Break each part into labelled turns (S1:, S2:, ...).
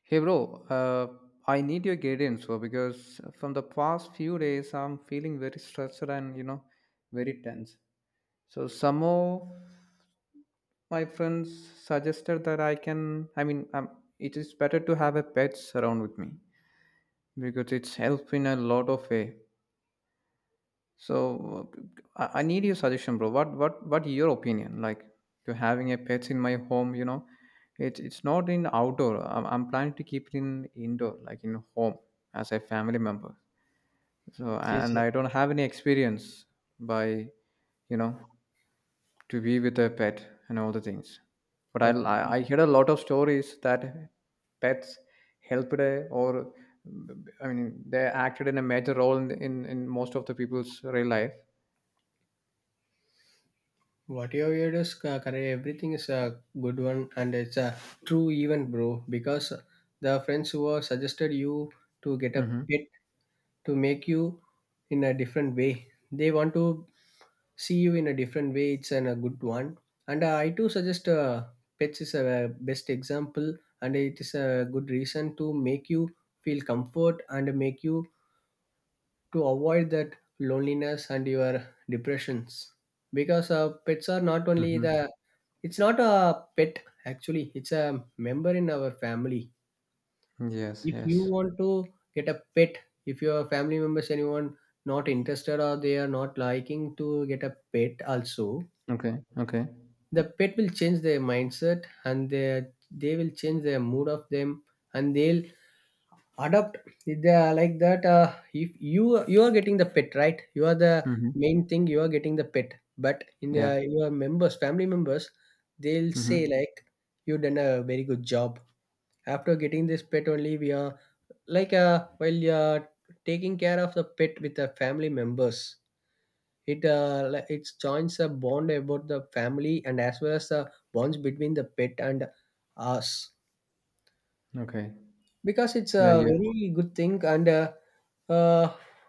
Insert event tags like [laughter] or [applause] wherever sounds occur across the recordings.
S1: Hey bro, I need your guidance bro, because from the past few days I'm feeling very stressed and very tense. So some of my friends suggested that I can. I mean, it is better to have a pets around with me because it's helped in a lot of way. So I need your suggestion, bro. What your opinion like to having a pets in my home? It's not in outdoor. I'm planning to keep it in indoor, like in home as a family member. So
S2: This
S1: and I don't have any experience by, you know, to be with a pet and all the things. But I
S2: uh,
S1: I I heard a lot of stories that pets helped or I mean they acted in a major role in in most of the people's real life.
S2: what your heard is correct. Everything is a good one, and it's a true even, bro. Because the friends who have suggested you to get a
S1: Mhm.
S2: pet to make you in a different way, they want to see you in a different way. It's an, a good one, and I too suggest pets is a best example, and it is a good reason to make you feel comfort and make you to avoid that loneliness and your depressions because pets are not only
S1: Mm-hmm.
S2: the, it's not a pet, actually it's a member in our family.
S1: Yes,
S2: If you
S1: yes.
S2: want to get a pet, if your family members anyone not interested or they are not liking to get a pet also,
S1: Okay, okay.
S2: the pet will change their mindset and they will change their mood of them, and they'll adopt. They are like that. If you are getting the pet, right, you are the
S1: Mm-hmm.
S2: main thing, you are getting the pet, but in
S1: Yeah.
S2: your members family members they'll say
S1: Mm-hmm.
S2: like you done a very good job. After getting this pet only we are like while you're taking care of the pet with the family members, it it joins a bond about the family, and as well as the bonds between the pet and us,
S1: Okay.
S2: because it's
S1: Yeah,
S2: a
S1: yeah.
S2: very good thing, and uh,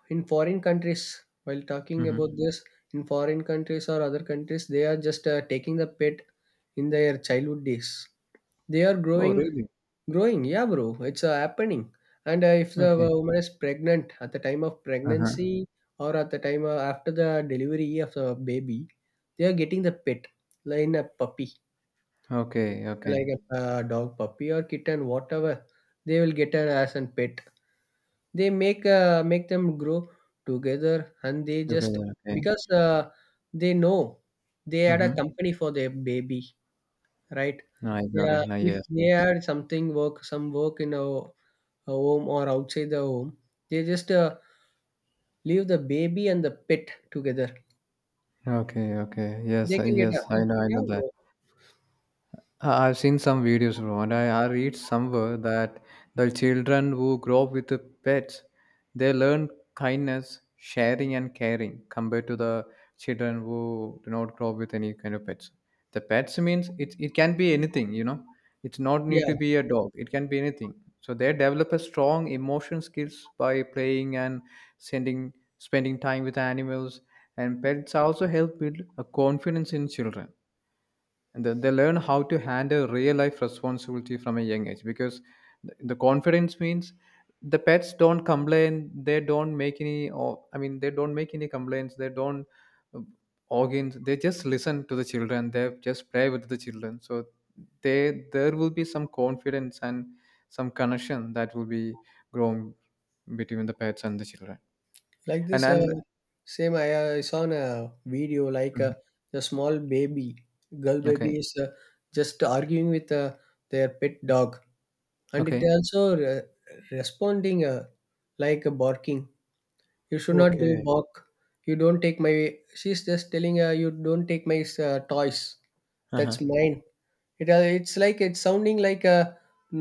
S2: in foreign countries, while talking about
S1: Mm-hmm.
S2: this, in foreign countries or other countries, they are just taking the pet in their childhood days. They are
S1: Oh,
S2: growing,
S1: really?
S2: growing, yeah bro, it's happening. And if the
S1: Okay.
S2: woman is pregnant, at the time of
S1: Uh-huh.
S2: pregnancy or at the time after the delivery of the baby, they are getting the pet, like a puppy,
S1: Okay,
S2: like
S1: okay.
S2: a dog puppy or kitten whatever. They will get an as a pet. They make make them grow together, and they just,
S1: Together, okay.
S2: because they know they had a
S1: Mm-hmm.
S2: company for their baby, right?
S1: I got it.
S2: Yeah,
S1: Now,
S2: if
S1: yes,
S2: they
S1: yes.
S2: had something work, some work in a home or outside the home, they just leave the baby and the pet together.
S1: Okay, okay. Yes,
S2: They can get
S1: yes,
S2: a,
S1: I
S2: yeah,
S1: know that.
S2: bro.
S1: I've seen some videos, bro, and I read somewhere that the children who grow up with the pets, they learn kindness, sharing, and caring compared to the children who do not grow up with any kind of pets. The pets means it can be anything. It's not
S2: Yeah,
S1: need to be a dog. It can be anything. So they develop a strong emotion skills by playing and sending, spending time with animals. And pets also help build a confidence in children, and then they learn how to handle real life responsibility from a young age, because the confidence means the pets don't complain. They don't make any, or I mean, they don't make any complaints. They don't uh, organs. They just listen to the children. They just play with the children. So they, there will be some confidence and some connection that will be grown between the pets and the children.
S2: like
S1: And
S2: this.
S1: then.
S2: Same, I saw in a video like
S1: Mhm.
S2: the small baby, girl baby
S1: Okay.
S2: is just arguing with their pet dog, and it
S1: Okay.
S2: also responding like a barking, you should not do
S1: Okay.
S2: bark, you don't take my, she's just telling you don't take my toys, that's
S1: Uh-huh.
S2: mine. It it's like it's sounding like a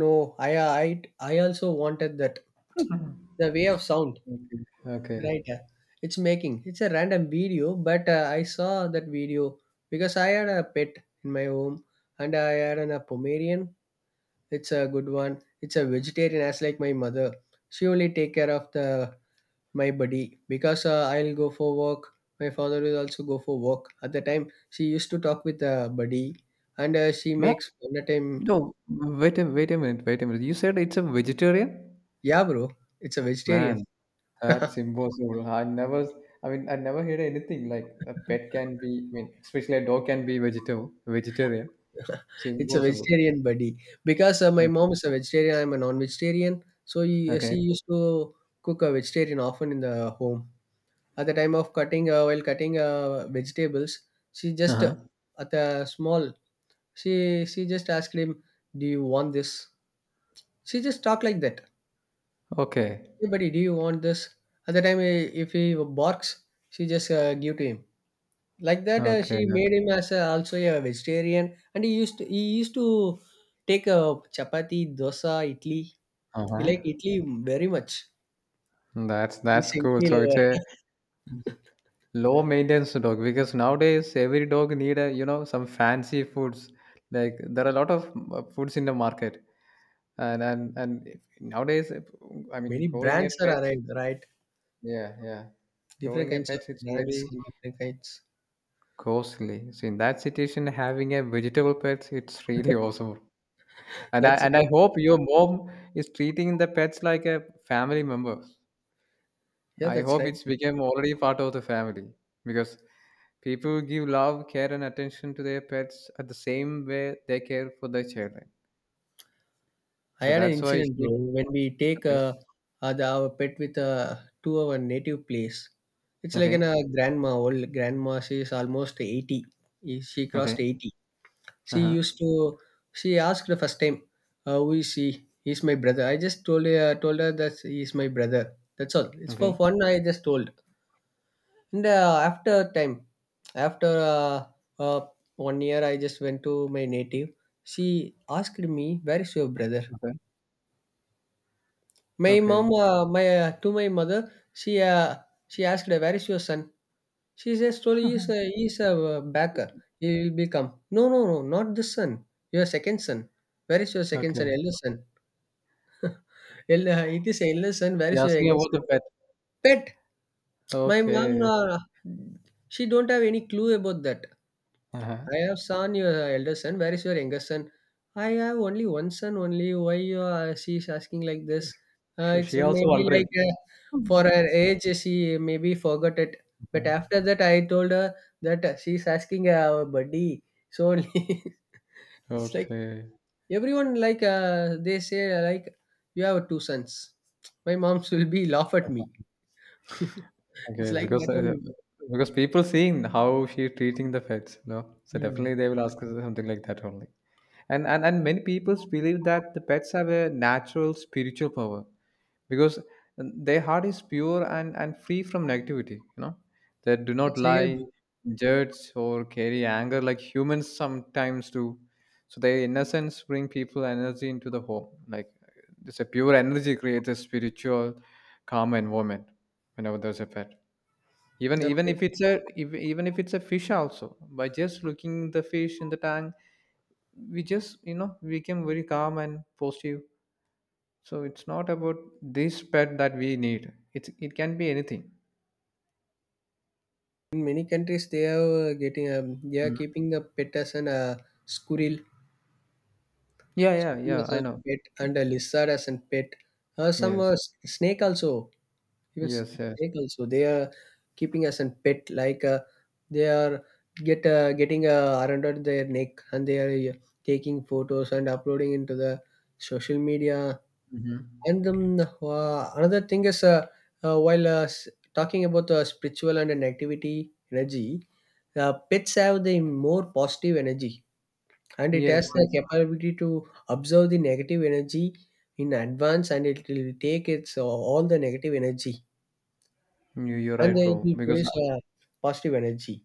S2: no. I I also wanted that
S1: [laughs]
S2: the way of sound,
S1: Okay. Okay.
S2: right? It's making, it's a random video, but I saw that video because I had a pet in my home, and I had an, a pomerian. It's a good one. It's a vegetarian as like my mother. She only take care of the my body because I'll go for work. My father will also go for work. At the time, she used to talk with the buddy, and she makes all the time.
S1: No, wait a minute, wait a minute. You said it's a vegetarian?
S2: Yeah, bro, it's a vegetarian.
S1: Man, that's impossible. I never, I mean, I never heard anything like a pet
S2: [laughs]
S1: can be. I mean, especially a dog can be vegetarian. It's
S2: It's a
S1: impossible.
S2: vegetarian, buddy, because my
S1: Okay.
S2: mom is a vegetarian. I'm a non-vegetarian, so she
S1: Okay.
S2: used to cook a vegetarian often in the home. At the time of cutting, while cutting vegetables, she just
S1: Uh-huh.
S2: at a small, she just asked him, "Do you want this?" She just talked like that.
S1: Okay.
S2: Hey buddy, do you want this? At the time, if he barks, she just give to him like that.
S1: Okay.
S2: She made
S1: Okay.
S2: him as a, also a vegetarian, and he used to take a chapati, dosa, idli. He
S1: Uh-huh.
S2: like idli very much.
S1: That's
S2: He's
S1: that's
S2: an
S1: cool.
S2: idli
S1: So it's
S2: lover.
S1: a low maintenance dog, because nowadays every dog need a some fancy foods. Like there are a lot of foods in the market. And if, nowadays if- I mean,
S2: Many
S1: growing a
S2: brands are
S1: pet it,
S2: arrived, right?
S1: yeah, yeah,
S2: Different
S1: growing a
S2: kinds of
S1: pet it's
S2: brands
S1: very
S2: and different kinds.
S1: costly. So in that situation, having a vegetable pet it's [laughs] really awesome. And i
S2: That's
S1: and i
S2: real.
S1: hope your mom is treating the pets like a family member.
S2: Yeah,
S1: I
S2: that's
S1: hope
S2: right.
S1: it's become already part of the family, because people give love, care, and attention to their pets at the same way they care for their children.
S2: I
S1: So
S2: had an
S1: that's why
S2: incident, bro.
S1: she.
S2: When we take
S1: Okay.
S2: the, our pet with to our native place, it's like an
S1: Okay.
S2: grandma. Old grandma, she's almost 80. She crossed
S1: Okay.
S2: 80. She
S1: Uh-huh.
S2: used to. She asked the first time, "Who is she?" He's my brother. I just told her that he's my brother. That's all. It's for
S1: Okay.
S2: fun. I just told. And after time, after uh, 1 year, I just went to my native. She asked me, "Where is your brother?"
S1: Okay.
S2: My mom,
S1: Okay.
S2: my to my mother, she asked, where is your son? She says, slowly, he's a back. He will become. No, no, no, not this son. Your second son. Where is your second son,
S1: Okay.
S2: elder son? It is elder son. Where
S1: You're
S2: is your
S1: asking
S2: younger
S1: about
S2: son?
S1: the pet.
S2: Pet. My mom,
S1: Okay.
S2: she don't have any clue about that.
S1: Uh-huh.
S2: I have son, your elder son. Where is your youngest son? I have only one son. Only why you are, she's asking like this?
S1: She,
S2: It's
S1: she also
S2: maybe
S1: wondering.
S2: like for
S1: Mhm.
S2: her age, she maybe forgot it. But after that, I told her that she's asking our buddy. So only, [laughs] it's like,
S1: Okay.
S2: everyone like they say like you have two sons. My mom will be laugh at me. [laughs] It's
S1: Okay.
S2: like
S1: Because
S2: that
S1: uh,
S2: only.
S1: because people seeing how she treating the pets, no? So
S2: Hmm.
S1: definitely they will ask us something like that only. And many people believe that the pets have a natural spiritual power, because their heart is pure and free from negativity. They do not
S2: That's real
S1: lie,
S2: blue.
S1: judge, or carry anger like humans sometimes do. So their innocence bring people energy into the home. Like this, a pure energy creates a spiritual calm environment whenever there's a pet. even
S2: The
S1: even
S2: pet.
S1: if it's a if, even if it's a fish also, by just looking the fish in the tank, we just become very calm and positive. So it's not about this pet that we need. It can be anything.
S2: In many countries, they are getting they are
S1: Mhm.
S2: keeping the pet as an squirrel,
S1: Yeah, yeah,
S2: squirrel
S1: yeah.
S2: as
S1: I
S2: a
S1: know.
S2: pet,
S1: Y-
S2: and a lizard as a pet. Uh, some uh,
S1: Yes,
S2: s- snake also, even
S1: yes, yes.
S2: snake also. They are keeping as a pet. Like they are getting around their neck, and they are taking photos and uploading into the social media.
S1: Hmm.
S2: And another thing is, uh, while uh, s- talking about spiritual and an activity energy, pets have the more positive energy, and it has
S1: Yes,
S2: the
S1: yes.
S2: capability to observe the negative energy in advance, and it will take its all the negative energy,
S1: You're
S2: and
S1: right,
S2: it
S1: bro.
S2: will
S1: Because.
S2: produce positive energy.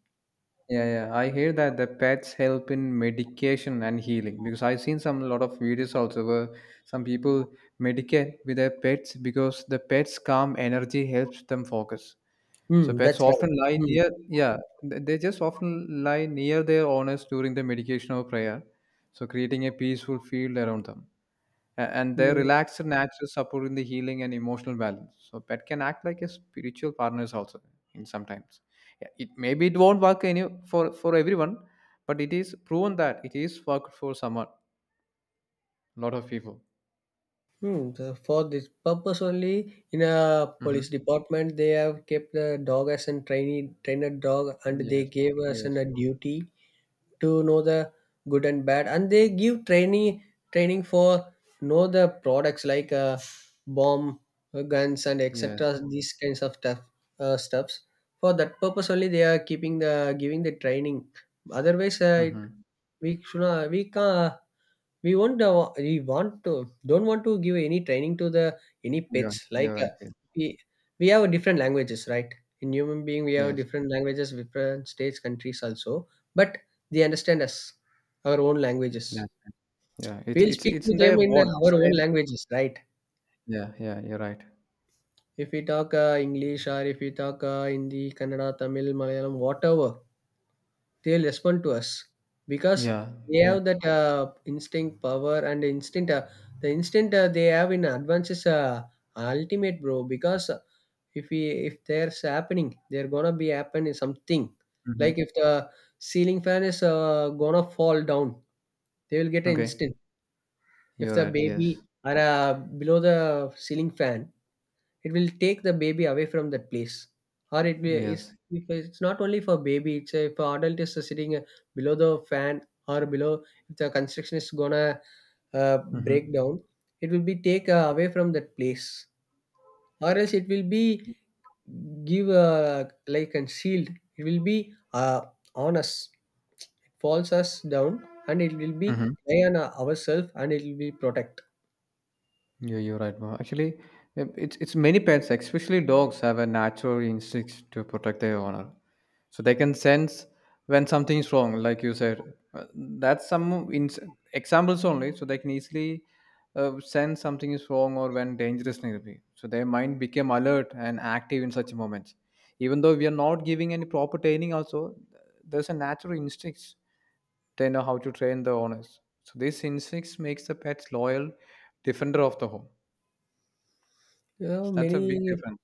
S1: Yeah, yeah. I hear that the pets help in medication and healing, because I've seen some lot of videos also where some people medicate with their pets because the pets' calm energy helps them focus. So
S2: Hmm,
S1: pets
S2: that's right.
S1: often lie
S2: Hmm.
S1: near, yeah, they just often lie near their owners during the medication or prayer, so creating a peaceful field around them. And their
S2: Hmm.
S1: relaxed nature supporting the healing and emotional balance. So pet can act like a spiritual partners also, in sometimes, yeah. It maybe it won't work any for everyone, but it is proven that it is worked for someone, a lot of people.
S2: Hmm, the, for this purpose only, in a
S1: Hmm.
S2: police department, they have kept the dog as a trainee trainer dog, and they
S1: Yes.
S2: gave us
S1: Yes.
S2: an, a duty to know the good and bad, and they give training for know the products like bomb, guns, and
S1: Yes.
S2: etc. These kinds of stuffs. For that purpose only, they are keeping the giving the training. Otherwise, it,
S1: Mm-hmm.
S2: we should not, we can, we won't we want to, don't want to give any training to the any
S1: Yeah,
S2: pets
S1: you're
S2: like
S1: right. Yes.
S2: we we have different languages, right? In human being we have
S1: Yes.
S2: different languages, different states, countries also, but they understand us our own languages.
S1: That's, yeah, it's
S2: We'll
S1: it's
S2: speak
S1: it's
S2: to
S1: in their
S2: them in
S1: bone,
S2: our
S1: it's
S2: own
S1: their.
S2: languages, right?
S1: Yeah, yeah, you're right.
S2: If we talk english, or if we talk hindi, kannada, tamil, malayalam, whatever, they'll respond to us because
S1: Yeah.
S2: they have that instinct power and instinct the instinct they have in advance is ultimate, bro, because if we, if there's happening they're gonna be happening something,
S1: Mm-hmm.
S2: like if the ceiling fan is gonna fall down, they will get an
S1: Okay,
S2: instant. If
S1: you're
S2: the
S1: right.
S2: baby
S1: Yes.
S2: are below the ceiling fan, it will take the baby away from that place, or it will
S1: Yes.
S2: is, if it's not only for baby. It's a, for adult is sitting below the fan, or below, if the construction is gonna uh, break
S1: Mm-hmm.
S2: down, it will be take away from that place, or else it will be give like concealed. It will be on us. It falls us down, and it will be
S1: Mm-hmm.
S2: lie on ourselves, and it will be protect.
S1: Yeah, you're right, Mo. Actually, it's many pets, especially dogs, have a natural instinct to protect their owner. So they can sense when something is wrong, like you said. That's some ins examples only. So they can easily sense something is wrong or when dangerous need be. So their mind became alert and active in such moments. Even though we are not giving any proper training, also there's a natural instinct. They know how to train the owners. So this instinct makes the pets loyal defender of the home.
S2: You know,
S1: So that's a big
S2: many
S1: difference.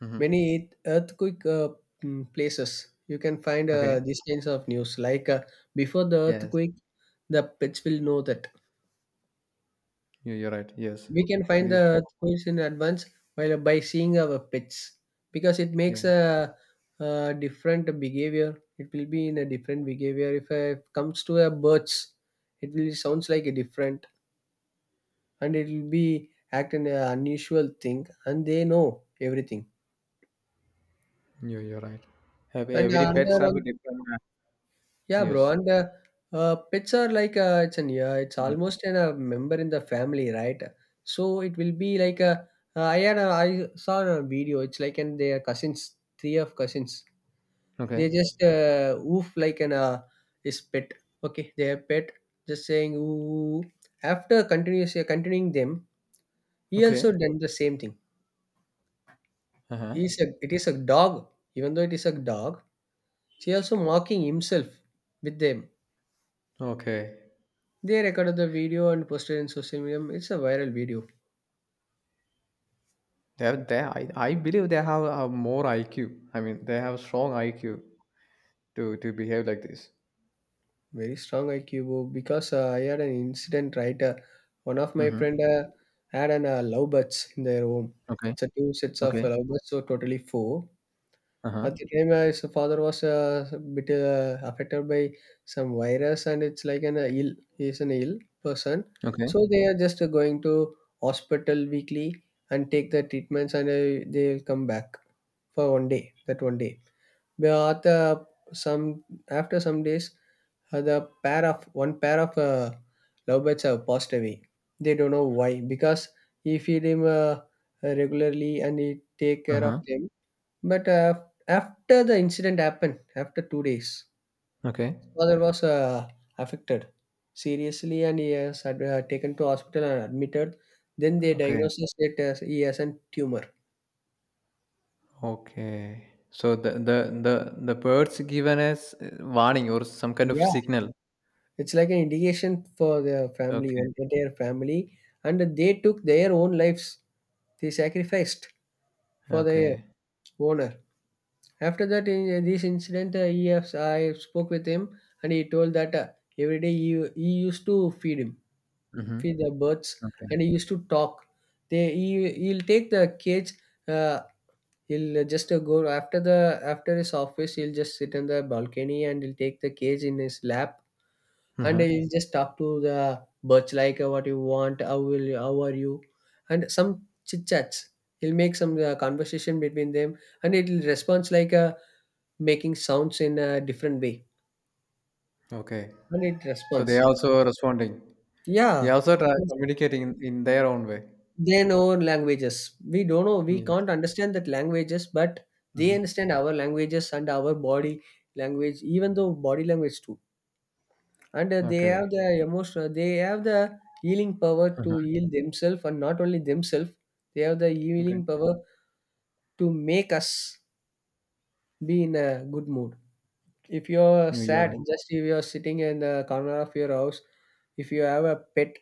S1: Hmm.
S2: many earthquake places, you can find
S1: Okay.
S2: these kinds of news like before the
S1: Yes.
S2: earthquake, the pets will know that,
S1: You, you're right. Yes.
S2: we can find the
S1: These pets.
S2: earthquakes in advance while by seeing our pets, because it makes
S1: Yes.
S2: a different behavior. It will be in a different behavior. If it comes to a birds, it will sounds like a different, and it will be act in an unusual thing, and they know everything.
S1: You, you're right. Have
S2: And
S1: every
S2: another
S1: pets have a
S2: one,
S1: different.
S2: yeah, bro,
S1: Yes.
S2: and pets are like it's an yeah, it's
S1: Mhm.
S2: almost an, a member in the family, right? So it will be like a I saw a video. It's like, and they are cousins, three of cousins.
S1: Okay.
S2: They just woof like an his pet. Okay, their pet just saying ooh. After continuous continuing them, he also
S1: Okay.
S2: done the same thing.
S1: Uh huh.
S2: He's a, it is a dog. Even though it is a dog, she also mocking himself with them.
S1: Okay.
S2: They recorded the video and posted in social media. It's a viral video.
S1: They, I believe they have a more IQ. I mean, they have strong IQ to behave like this.
S2: Very strong IQ, bro. Because I had an incident, right. One of my friend
S1: Mm-hmm.
S2: uh, had an lovebirds in their home.
S1: Okay.
S2: It's a two sets of
S1: Okay.
S2: lovebirds, so totally four.
S1: Uh huh.
S2: At the time, his father was a bit affected by some virus, and it's like an ill. He is an ill person,
S1: Okay.
S2: so they are just going to hospital weekly and take the treatments, and they'll come back for 1 day. That 1 day. But after some days, the pair of one pair of lovebirds have passed away. They don't know why because he feed him regularly, and he take
S1: Uh
S2: care of
S1: huh.
S2: them. But after the incident happened, after 2 days,
S1: Okay.
S2: his father was affected seriously, and he has had, taken to hospital and admitted. Then they
S1: Okay.
S2: diagnosed it as he has a tumor.
S1: Okay. So the birds given us warning or some kind of
S2: Yeah.
S1: signal.
S2: It's like an indication for their
S1: Okay.
S2: their family, and they took their own lives. They sacrificed for their
S1: Okay.
S2: owner. After that, in this incident, I spoke with him, and he told that every he used to feed him,
S1: Mm-hmm.
S2: feed the birds,
S1: Okay.
S2: and he used to talk. He'll take the cage. Uh, He'll just go after his office. He'll just sit on the balcony and he'll take the cage in his lap, and
S1: Uh-huh.
S2: you just talk to the birds like, what you want, how are you, and some chit chats. He'll make some conversation between them, and it'll responds like, making sounds in a different way,
S1: Okay.
S2: and it
S1: So they
S2: responds.
S1: also are responding. They
S2: Yeah,
S1: also try communicating in their own way.
S2: they know languages, we don't know, we
S1: Yes.
S2: can't understand that languages, but they
S1: Hmm.
S2: understand our languages and our body language, even though body language too. And they have
S1: Okay.
S2: the emotion, they have the healing power to
S1: Uh-huh.
S2: heal themselves, and not only themselves, they have the
S1: Okay.
S2: healing power to make us be in a good mood. If you're
S1: You, you're
S2: sad,
S1: right.
S2: just if you're sitting in the corner of your house, if you have a pet,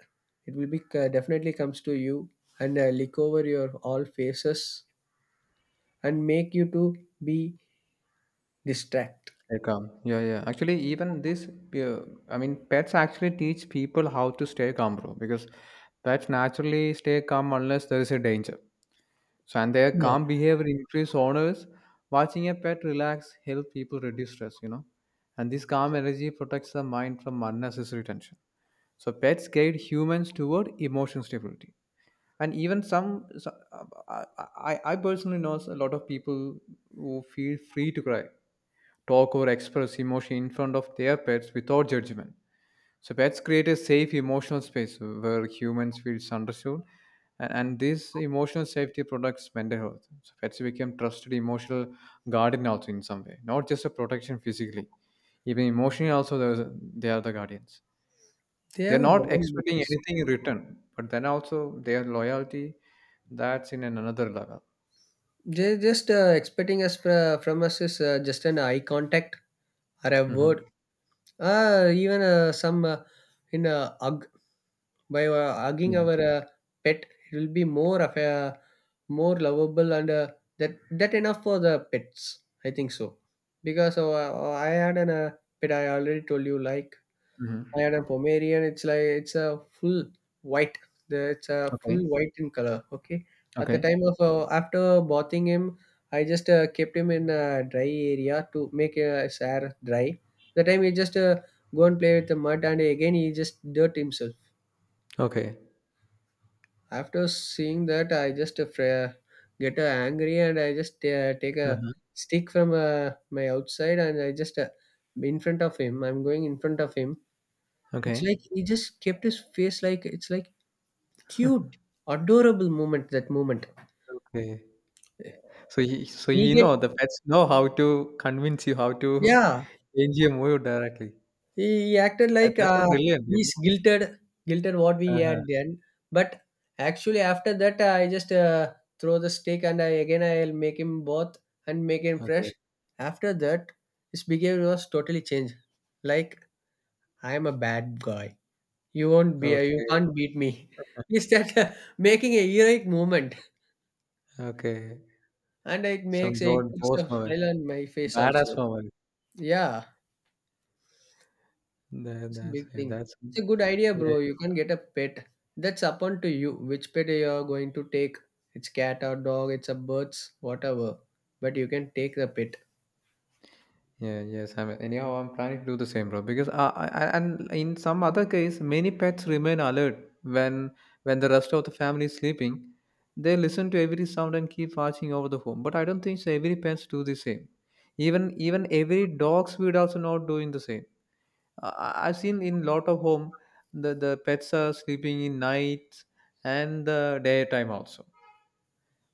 S2: it will be definitely comes to you and lick over your all faces and make you to be distract.
S1: They calm. Yeah, yeah. Actually, even this, uh, I mean, pets actually teach people how to stay calm, bro. Because pets naturally stay calm unless there is a danger. So, and their
S2: Yeah,
S1: calm behavior increase owners. Watching a pet relax help people reduce stress. And this calm energy protects the mind from unnecessary tension. So pets guide humans toward emotional stability. And even some, so- I, I personally know a lot of people who feel free to cry, talk, or express emotion in front of their pets without judgment. So pets create a safe emotional space where humans feel understood, and this emotional safety protects mental health. So pets become trusted emotional guardian also in some way, not just a protection physically, even emotionally also they are the guardians.
S2: they
S1: They're
S2: have a
S1: not
S2: bond with
S1: expecting
S2: us.
S1: anything in return, but then also their loyalty, that's in an another level.
S2: They just expecting us from us is just an eye contact or a word.
S1: Hmm.
S2: Uh, even uh, some uh, in hug by hugging
S1: Yeah.
S2: our pet, it will be more of a more lovable, and that enough for the pets, I think so. Because I had an pet, I already told you, like I
S1: Hmm.
S2: had a Pomerian. It's like it's a full white. It's a full
S1: Okay.
S2: white in color. Okay. At the
S1: Okay.
S2: time of after bathing him, I just kept him in a dry area to make his hair dry. The time he just go and play with the mud, and again he just dirt himself.
S1: Okay.
S2: After seeing that, I just get angry, and I just take a
S1: Uh-huh.
S2: stick from my outside, and I just in front of him. I'm going in front of him. It's
S1: Okay.
S2: like he just kept his face like, it's like cute,
S1: [laughs]
S2: adorable moment, that moment.
S1: Okay. So you, so
S2: He
S1: you
S2: get
S1: know the pets know how to convince you, how to
S2: yeah,
S1: change your mood directly.
S2: he acted
S1: That,
S2: like,
S1: that's a brilliant. You know?
S2: he's guilted, guilted what we had
S1: Uh-huh.
S2: done. But actually, after that, I just throw the stick, and I'll make him both and make him fresh.
S1: Okay.
S2: After that, his behavior was totally changed. Like, I am a bad guy. You won't be. You
S1: Okay.
S2: can't beat me. [laughs] He started making a heroic movement,
S1: Okay.
S2: and it
S1: Some
S2: makes a
S1: don't boss
S2: picture
S1: moment,
S2: smile on my face
S1: badass
S2: also.
S1: moment.
S2: Yeah,
S1: That,
S2: it's a
S1: that's
S2: big
S1: yeah,
S2: thing.
S1: that's
S2: It's a good idea,
S1: yeah.
S2: bro. You can get a pet. That's upon to you. Which pet you're going to take? It's cat or dog, it's a birds, whatever. But you can take the pet.
S1: Yeah, yes, I'm anyhow I'm planning to do the same, bro. Because and in some other case, many pets remain alert when the rest of the family is sleeping. They listen to every sound and keep watching over the home. But I don't think so every pets do the same. Even every dog would also not doing the same. I've seen in lot of home the pets are sleeping in nights and the daytime also.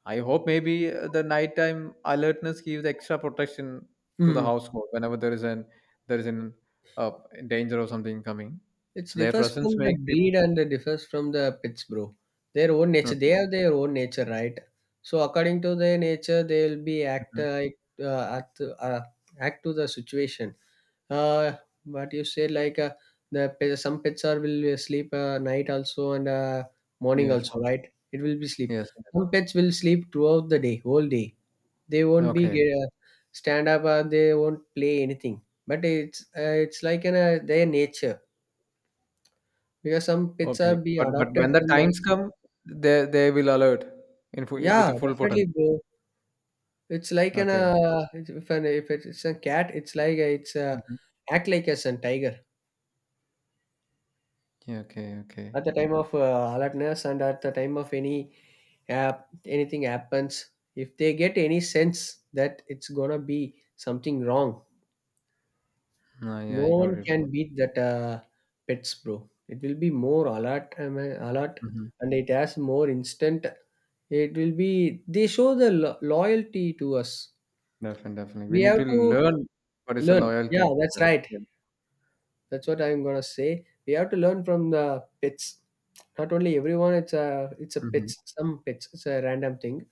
S1: I hope maybe the nighttime alertness gives extra protection to the
S2: Hmm.
S1: household whenever there is an uh, danger or something coming.
S2: It
S1: So their
S2: differs
S1: presence
S2: from the
S1: makes people.
S2: breed, and it differs from the pets, bro. Their own nature. They
S1: Okay.
S2: have their own nature, right? So according to their nature, they'll be act
S1: Mhm.
S2: like, act to the situation. Uh, but you say like, the some pets are will sleep night also and morning
S1: Yes.
S2: also, right? It will be sleep.
S1: Yes. Yes.
S2: Some pets will sleep throughout the day, whole day. They won't be
S1: Okay.
S2: get, stand up. They won't play anything. But it's like an their nature, because some pets
S1: Okay.
S2: are be
S1: But
S2: adopted
S1: when the
S2: from.
S1: times come, they will alert in full, with
S2: Yeah,
S1: the full
S2: definitely,
S1: potential.
S2: bro. It's like an
S1: Okay.
S2: if it's a cat, it's like, it's
S1: Hmm.
S2: act like as a tiger.
S1: Yeah, okay. Okay.
S2: At the time of alertness, and at the time of any app anything happens, if they get any sense that it's gonna be something wrong,
S1: No, yeah,
S2: no
S1: I got
S2: one
S1: it, bro.
S2: can beat that pets, bro. It will be more alert, I mean, alert,
S1: Hmm.
S2: and it has more instant. It will be they show the loyalty to us.
S1: Definitely, definitely. We
S2: We
S1: need
S2: have
S1: to
S2: to
S1: learn what is the
S2: learn, yeah,
S1: loyalty
S2: that's
S1: from them.
S2: right.
S1: Yeah.
S2: That's what I'm gonna say. We have to learn from the pets. Not only everyone, it's a
S1: Hmm.
S2: pets. Some pets, it's a random thing.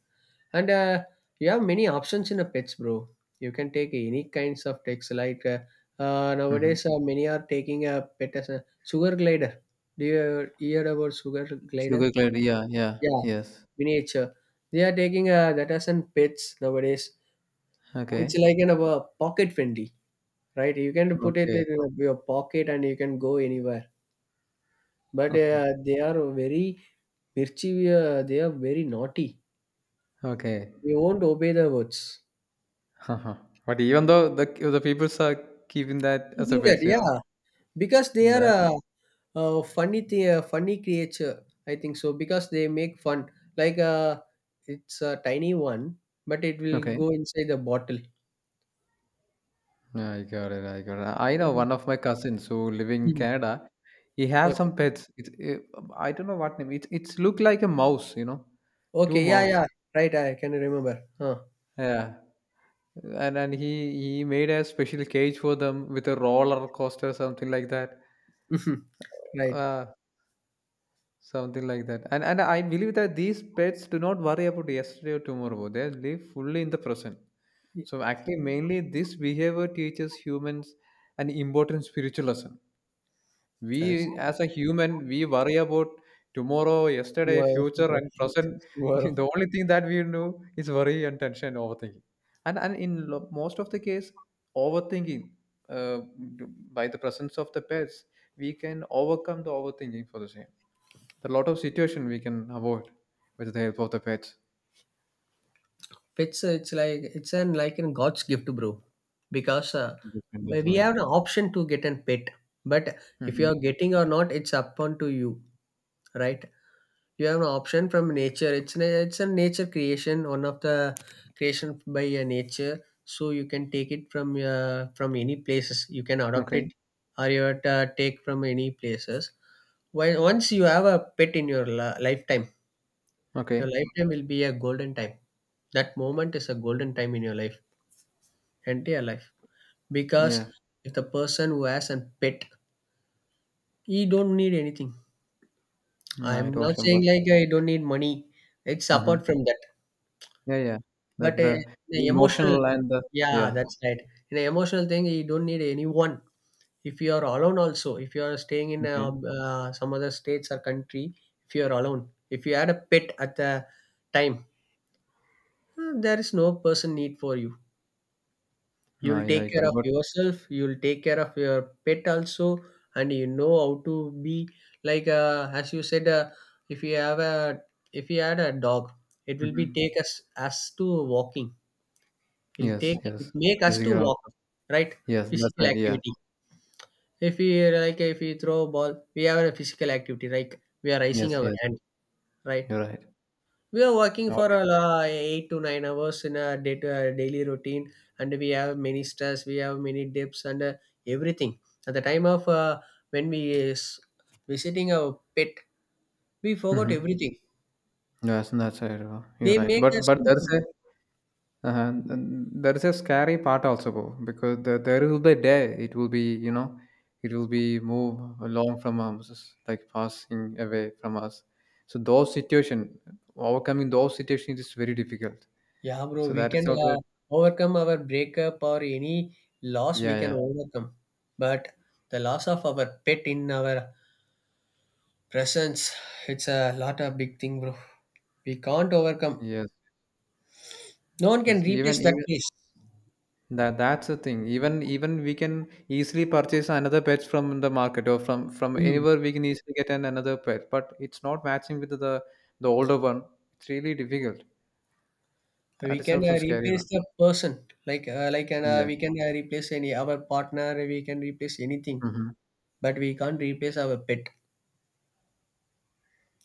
S2: And you have many options in a pets, bro. You can take any kinds of pets. Like,
S1: Hmm.
S2: nowadays, many are taking a pet as a sugar glider. Do you hear about sugar
S1: Sugar
S2: glider?
S1: clarity. Yeah. Yeah.
S2: Yeah,
S1: Yes.
S2: miniature. They are taking that as an pets nowadays. It's
S1: Okay.
S2: like an pocket friendly, right? You can put it
S1: Okay.
S2: in your pocket, and you can go anywhere. But,
S1: [laughs]
S2: they are very mischievous, they are very naughty.
S1: Okay.
S2: They won't obey the words.
S1: [laughs] But even though the peoples are keeping that as a
S2: Keeping that,
S1: pet, you know
S2: yeah. Because they are
S1: that.
S2: a funny thing, a funny creature. I think so because they make fun. Like, it's a tiny one, but it will
S1: Okay.
S2: go inside the bottle.
S1: I got it. I got it. I know
S2: Mhm.
S1: one of my cousins who live in
S2: Mhm.
S1: Canada. He has
S2: Okay.
S1: some pets. I don't know what name. It's look like a mouse. Two
S2: Okay. Yeah.
S1: mouse.
S2: Yeah. Right. I can remember. Huh.
S1: Yeah. And he made a special cage for them with a roller coaster something like that.
S2: [laughs] Right.
S1: Uh, Something like that. And I believe that these pets do not worry about yesterday or tomorrow. They live fully in the present. So actually, mainly this behavior teaches humans an important spiritual lesson.
S2: That's
S1: We as a human, we worry about tomorrow, yesterday,
S2: tomorrow.
S1: future, and present.
S2: [laughs]
S1: [laughs]
S2: Tomorrow.
S1: The only thing that we know is worry and tension, and overthinking. And in most of the case, overthinking uh, by the presence of the pets, we can overcome the overthinking for the same, there are a lot of situation we can avoid with the help of the pets.
S2: It's like it's an like in God's gift, bro, because
S1: We can
S2: we
S1: Definitely.
S2: have an option to get a pet, but if you
S1: Hmm.
S2: are getting or not, it's up to you, right? You have an option from nature. It's a nature creation, one of the creation by nature. So you can take it from any places. You can adopt
S1: Okay.
S2: it, or you have to take from any places. Why once you have a pet in your lifetime, your
S1: Okay.
S2: lifetime will be a golden time. That moment is a golden time in your life, entire life, because
S1: Yeah.
S2: if the person who has a pet, he don't need anything.
S1: No,
S2: I'm
S1: I
S2: not
S1: don't
S2: saying
S1: remember.
S2: like I don't need money, it's apart
S1: Hmm.
S2: from that,
S1: Yeah. Yeah. The
S2: but
S1: the
S2: the emotional,
S1: emotional and the,
S2: yeah,
S1: yeah.
S2: that's right. In an emotional thing, you don't need anyone. If you are alone also, if you are staying in a,
S1: Okay.
S2: some other states or country, if you are alone, if you had a pet at the time, there is no person need for you.
S1: No,
S2: You'll
S1: yeah,
S2: take
S1: I
S2: care
S1: could.
S2: of
S1: But.
S2: yourself, you'll take care of your pet also, and you know how to be like, as you said, if you have a if you had a dog, it will be take
S1: Mhm.
S2: us to walking. It'll take
S1: Yes,
S2: it
S1: yes.
S2: make us to
S1: Physical
S2: walk,
S1: also.
S2: right.
S1: Yes, that's
S2: Physical
S1: right. Yeah.
S2: activity, if we, like if we throw a ball, we have a physical activity, like we are raising
S1: Yes.
S2: our
S1: Yes.
S2: hand, right.
S1: You're right.
S2: We are working for
S1: Okay.
S2: 8 to 9 hours in a day to daily routine, and we have many stress, we have many dips, and everything. At the time of when we is visiting our pet, we forgot
S1: Mm-hmm.
S2: everything.
S1: Yes, that's right. You're
S2: They
S1: right.
S2: make
S1: But
S2: us
S1: but
S2: to
S1: there's a.
S2: forget.
S1: uh and that is a scary part also, bro, because there will be a day it will be, it will be move along from us, like passing away from us, so those situation, overcoming those situations is very difficult,
S2: Yeah, bro,
S1: so
S2: we
S1: that is
S2: can
S1: also.
S2: overcome our breakup or any loss. We
S1: Yeah,
S2: can
S1: yeah.
S2: overcome, but the loss of our pet in our presence, it's a lot of big thing, bro. We can't overcome.
S1: Yes,
S2: No one can
S1: yes,
S2: replace
S1: even
S2: that
S1: even
S2: place.
S1: that's the thing, even we can easily purchase another pets from the market, or from
S2: Hmm.
S1: anywhere we can easily get another pet, but it's not matching with the older one. It's really difficult.
S2: We
S1: That is
S2: can
S1: also scary
S2: replace
S1: one.
S2: the person, like, like and
S1: Yeah.
S2: we can replace any our partner, we can replace anything,
S1: Mhm.
S2: but we can't replace our pet.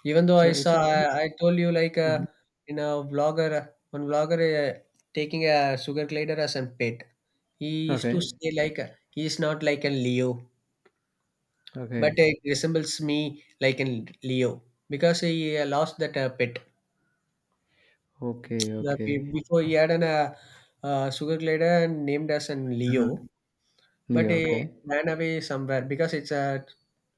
S2: Even though
S1: So it's really.
S2: I told you, like,
S1: Mhm.
S2: in a vlogger one vlogger taking a sugar glider as a pet, he used to
S1: Okay,
S2: say like, he is not like a Leo, but
S1: okay,
S2: it resembles me like a Leo, because he lost that pet.
S1: okay, okay.
S2: Before, he had an sugar glider and named as an Leo.
S1: Mhm.
S2: But
S1: Yeah,
S2: it
S1: okay.
S2: ran away somewhere because it's a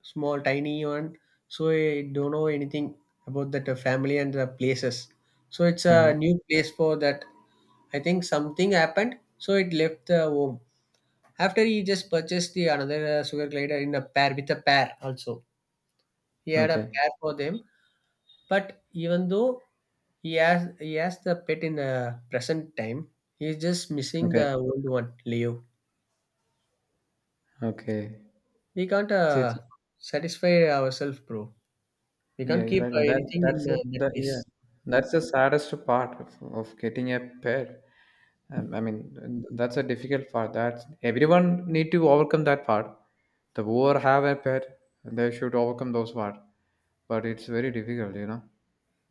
S2: small, tiny one. So I don't know anything about that family and the places. So it's a
S1: Uh-huh.
S2: new place for that. I think something happened, so it left the home. After, he just purchased the another sugar glider in a pair, with a pair also. He had a
S1: Okay.
S2: pair for them. But even though he has the pet in the present time, he's just missing
S1: Okay.
S2: the old one, Leo.
S1: Okay.
S2: We can't
S1: It's, it's,
S2: satisfy ourselves, bro. We
S1: yeah,
S2: can't
S1: you're
S2: keep
S1: right. Well, That
S2: anything
S1: that's
S2: in
S1: the
S2: that
S1: that, yeah.
S2: place.
S1: That's the saddest part of getting a pet. I mean, that's a difficult part. That's everyone need to overcome that part. The Whoever have a pet, they should overcome those part. But it's very difficult.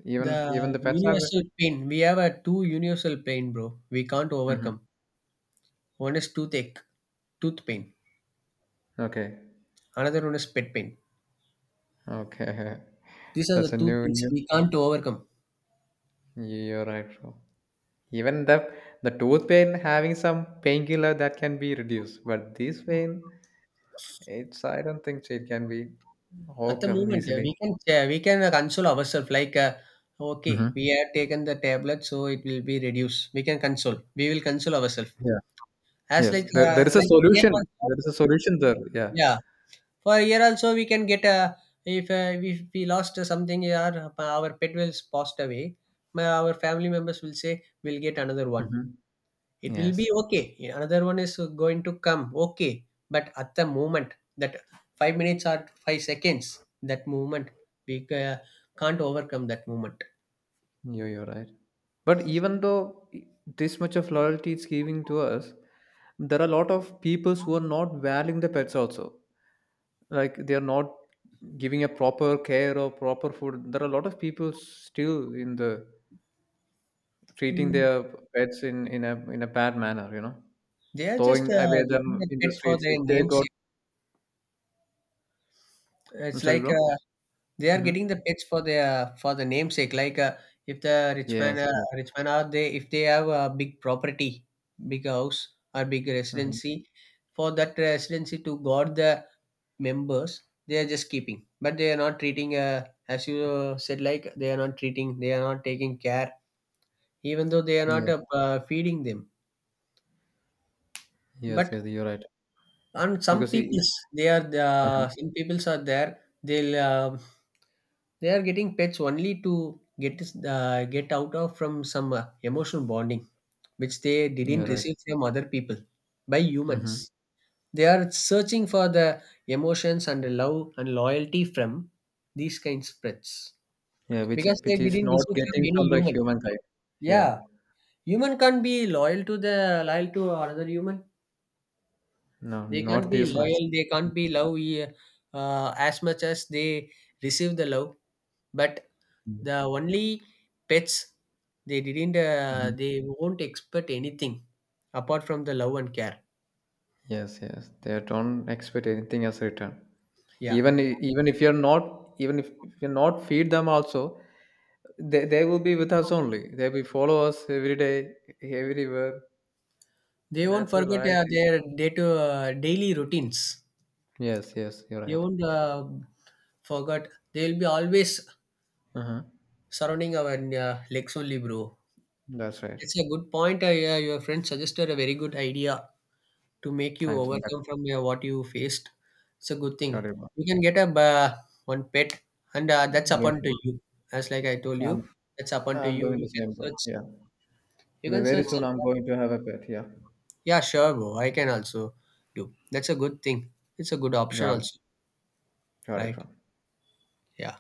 S1: Even
S2: The
S1: the pets have it.
S2: universal pain. We have a two universal pain, bro. We can't
S1: Hmm.
S2: overcome. One is toothache, tooth pain.
S1: Okay.
S2: Another one is pet pain.
S1: Okay. [laughs]
S2: These are
S1: That's
S2: the
S1: a
S2: two
S1: new,
S2: things we
S1: new.
S2: can't overcome.
S1: You're right, bro. Even the tooth pain, having some painkiller that can be reduced, but this pain, it's I don't think so it can be
S2: At the
S1: overcome
S2: moment,
S1: easily.
S2: we can console ourselves like, okay,
S1: Hmm.
S2: we have taken the tablet, so it will be reduced. We can console. We will console ourselves.
S1: Yeah.
S2: As
S1: Yes.
S2: like,
S1: There is a
S2: like same
S1: solution.
S2: also,
S1: There is a solution there. Yeah.
S2: yeah, for a year also we can get a, if we lost something, our pet will passed away, our family members will say, we'll get another one,
S1: Hmm.
S2: it will be
S1: Yes.
S2: okay. Yeah, another one is going to come, okay. But at the moment, that 5 minutes or 5 seconds, that movement we can't overcome that moment.
S1: You're right. But even though this much of loyalty it's giving to us, there are a lot of people who are not valuing the pets also. Like they are not giving a proper care or proper food, there are a lot of people still in the, treating
S2: Mm.
S1: their pets in a bad manner.
S2: They are just
S1: Throwing away
S2: getting
S1: them
S2: a
S1: in the
S2: pet for
S1: streets
S2: their
S1: if they
S2: names.
S1: got I'm
S2: It's
S1: sorry,
S2: like,
S1: bro.
S2: they are getting the
S1: Mm-hmm.
S2: pets for their for the namesake. Like, if the
S1: Yes, yes.
S2: rich man are they, if they have a big property, big house or big
S1: Mhm.
S2: residency, for that residency to guard the members, they are just keeping. But they are not treating, as you said, like they are not treating. They are not taking care, even though they are not
S1: Yes,
S2: feeding them.
S1: yes,
S2: But
S1: yes, you're right.
S2: and some
S1: because he,
S2: peoples, they are,
S1: uh
S2: some peoples are there, they'll they are getting pets only to get get out of from some emotional bonding, which they
S1: you're
S2: didn't
S1: right.
S2: receive from other people, by humans.
S1: Mm-hmm.
S2: They are searching for the emotions and the love and loyalty from these kinds of pets,
S1: Yeah, which
S2: because they
S1: which is
S2: didn't
S1: not
S2: receive from
S1: getting
S2: any
S1: from the
S2: human.
S1: humankind. Yeah.
S2: Yeah, human can't be loyal to the loyal to another human.
S1: No,
S2: They can't
S1: not
S2: be
S1: this much.
S2: loyal, they can't be love as much as they receive the love, but the only pets,
S1: Mhm.
S2: they won't expect anything apart from the love and care.
S1: Yes, yes, they don't expect anything as return.
S2: Yeah,
S1: Even if if you're not feed them also, they will be with us only, they will follow us every day, everywhere.
S2: they won't
S1: That's the
S2: forget
S1: loyalty.
S2: their day to daily routines.
S1: Yes, yes, you're
S2: They
S1: right.
S2: won't forget. They'll be always
S1: Uh-huh.
S2: surrounding our legs only, bro.
S1: That's right.
S2: It's a good point, yeah, your friend suggested a very good idea to make you
S1: Thanks for that.
S2: overcome from what you faced. It's a good thing.
S1: Sorry, bro.
S2: You can get a one pet, and that's
S1: Yes.
S2: upon to you. As like I told
S1: I'm,
S2: you, that's upon to
S1: I'm
S2: you.
S1: doing
S2: You
S1: the
S2: can
S1: same, bro.
S2: search.
S1: Yeah.
S2: You can
S1: Very
S2: search
S1: soon
S2: on
S1: I'm
S2: that.
S1: going to have a pet. Yeah.
S2: Yeah, sure, bro. I can also do. That's a good thing. It's a good option
S1: Got it.
S2: also,
S1: Got it,
S2: right?
S1: bro.
S2: Yeah.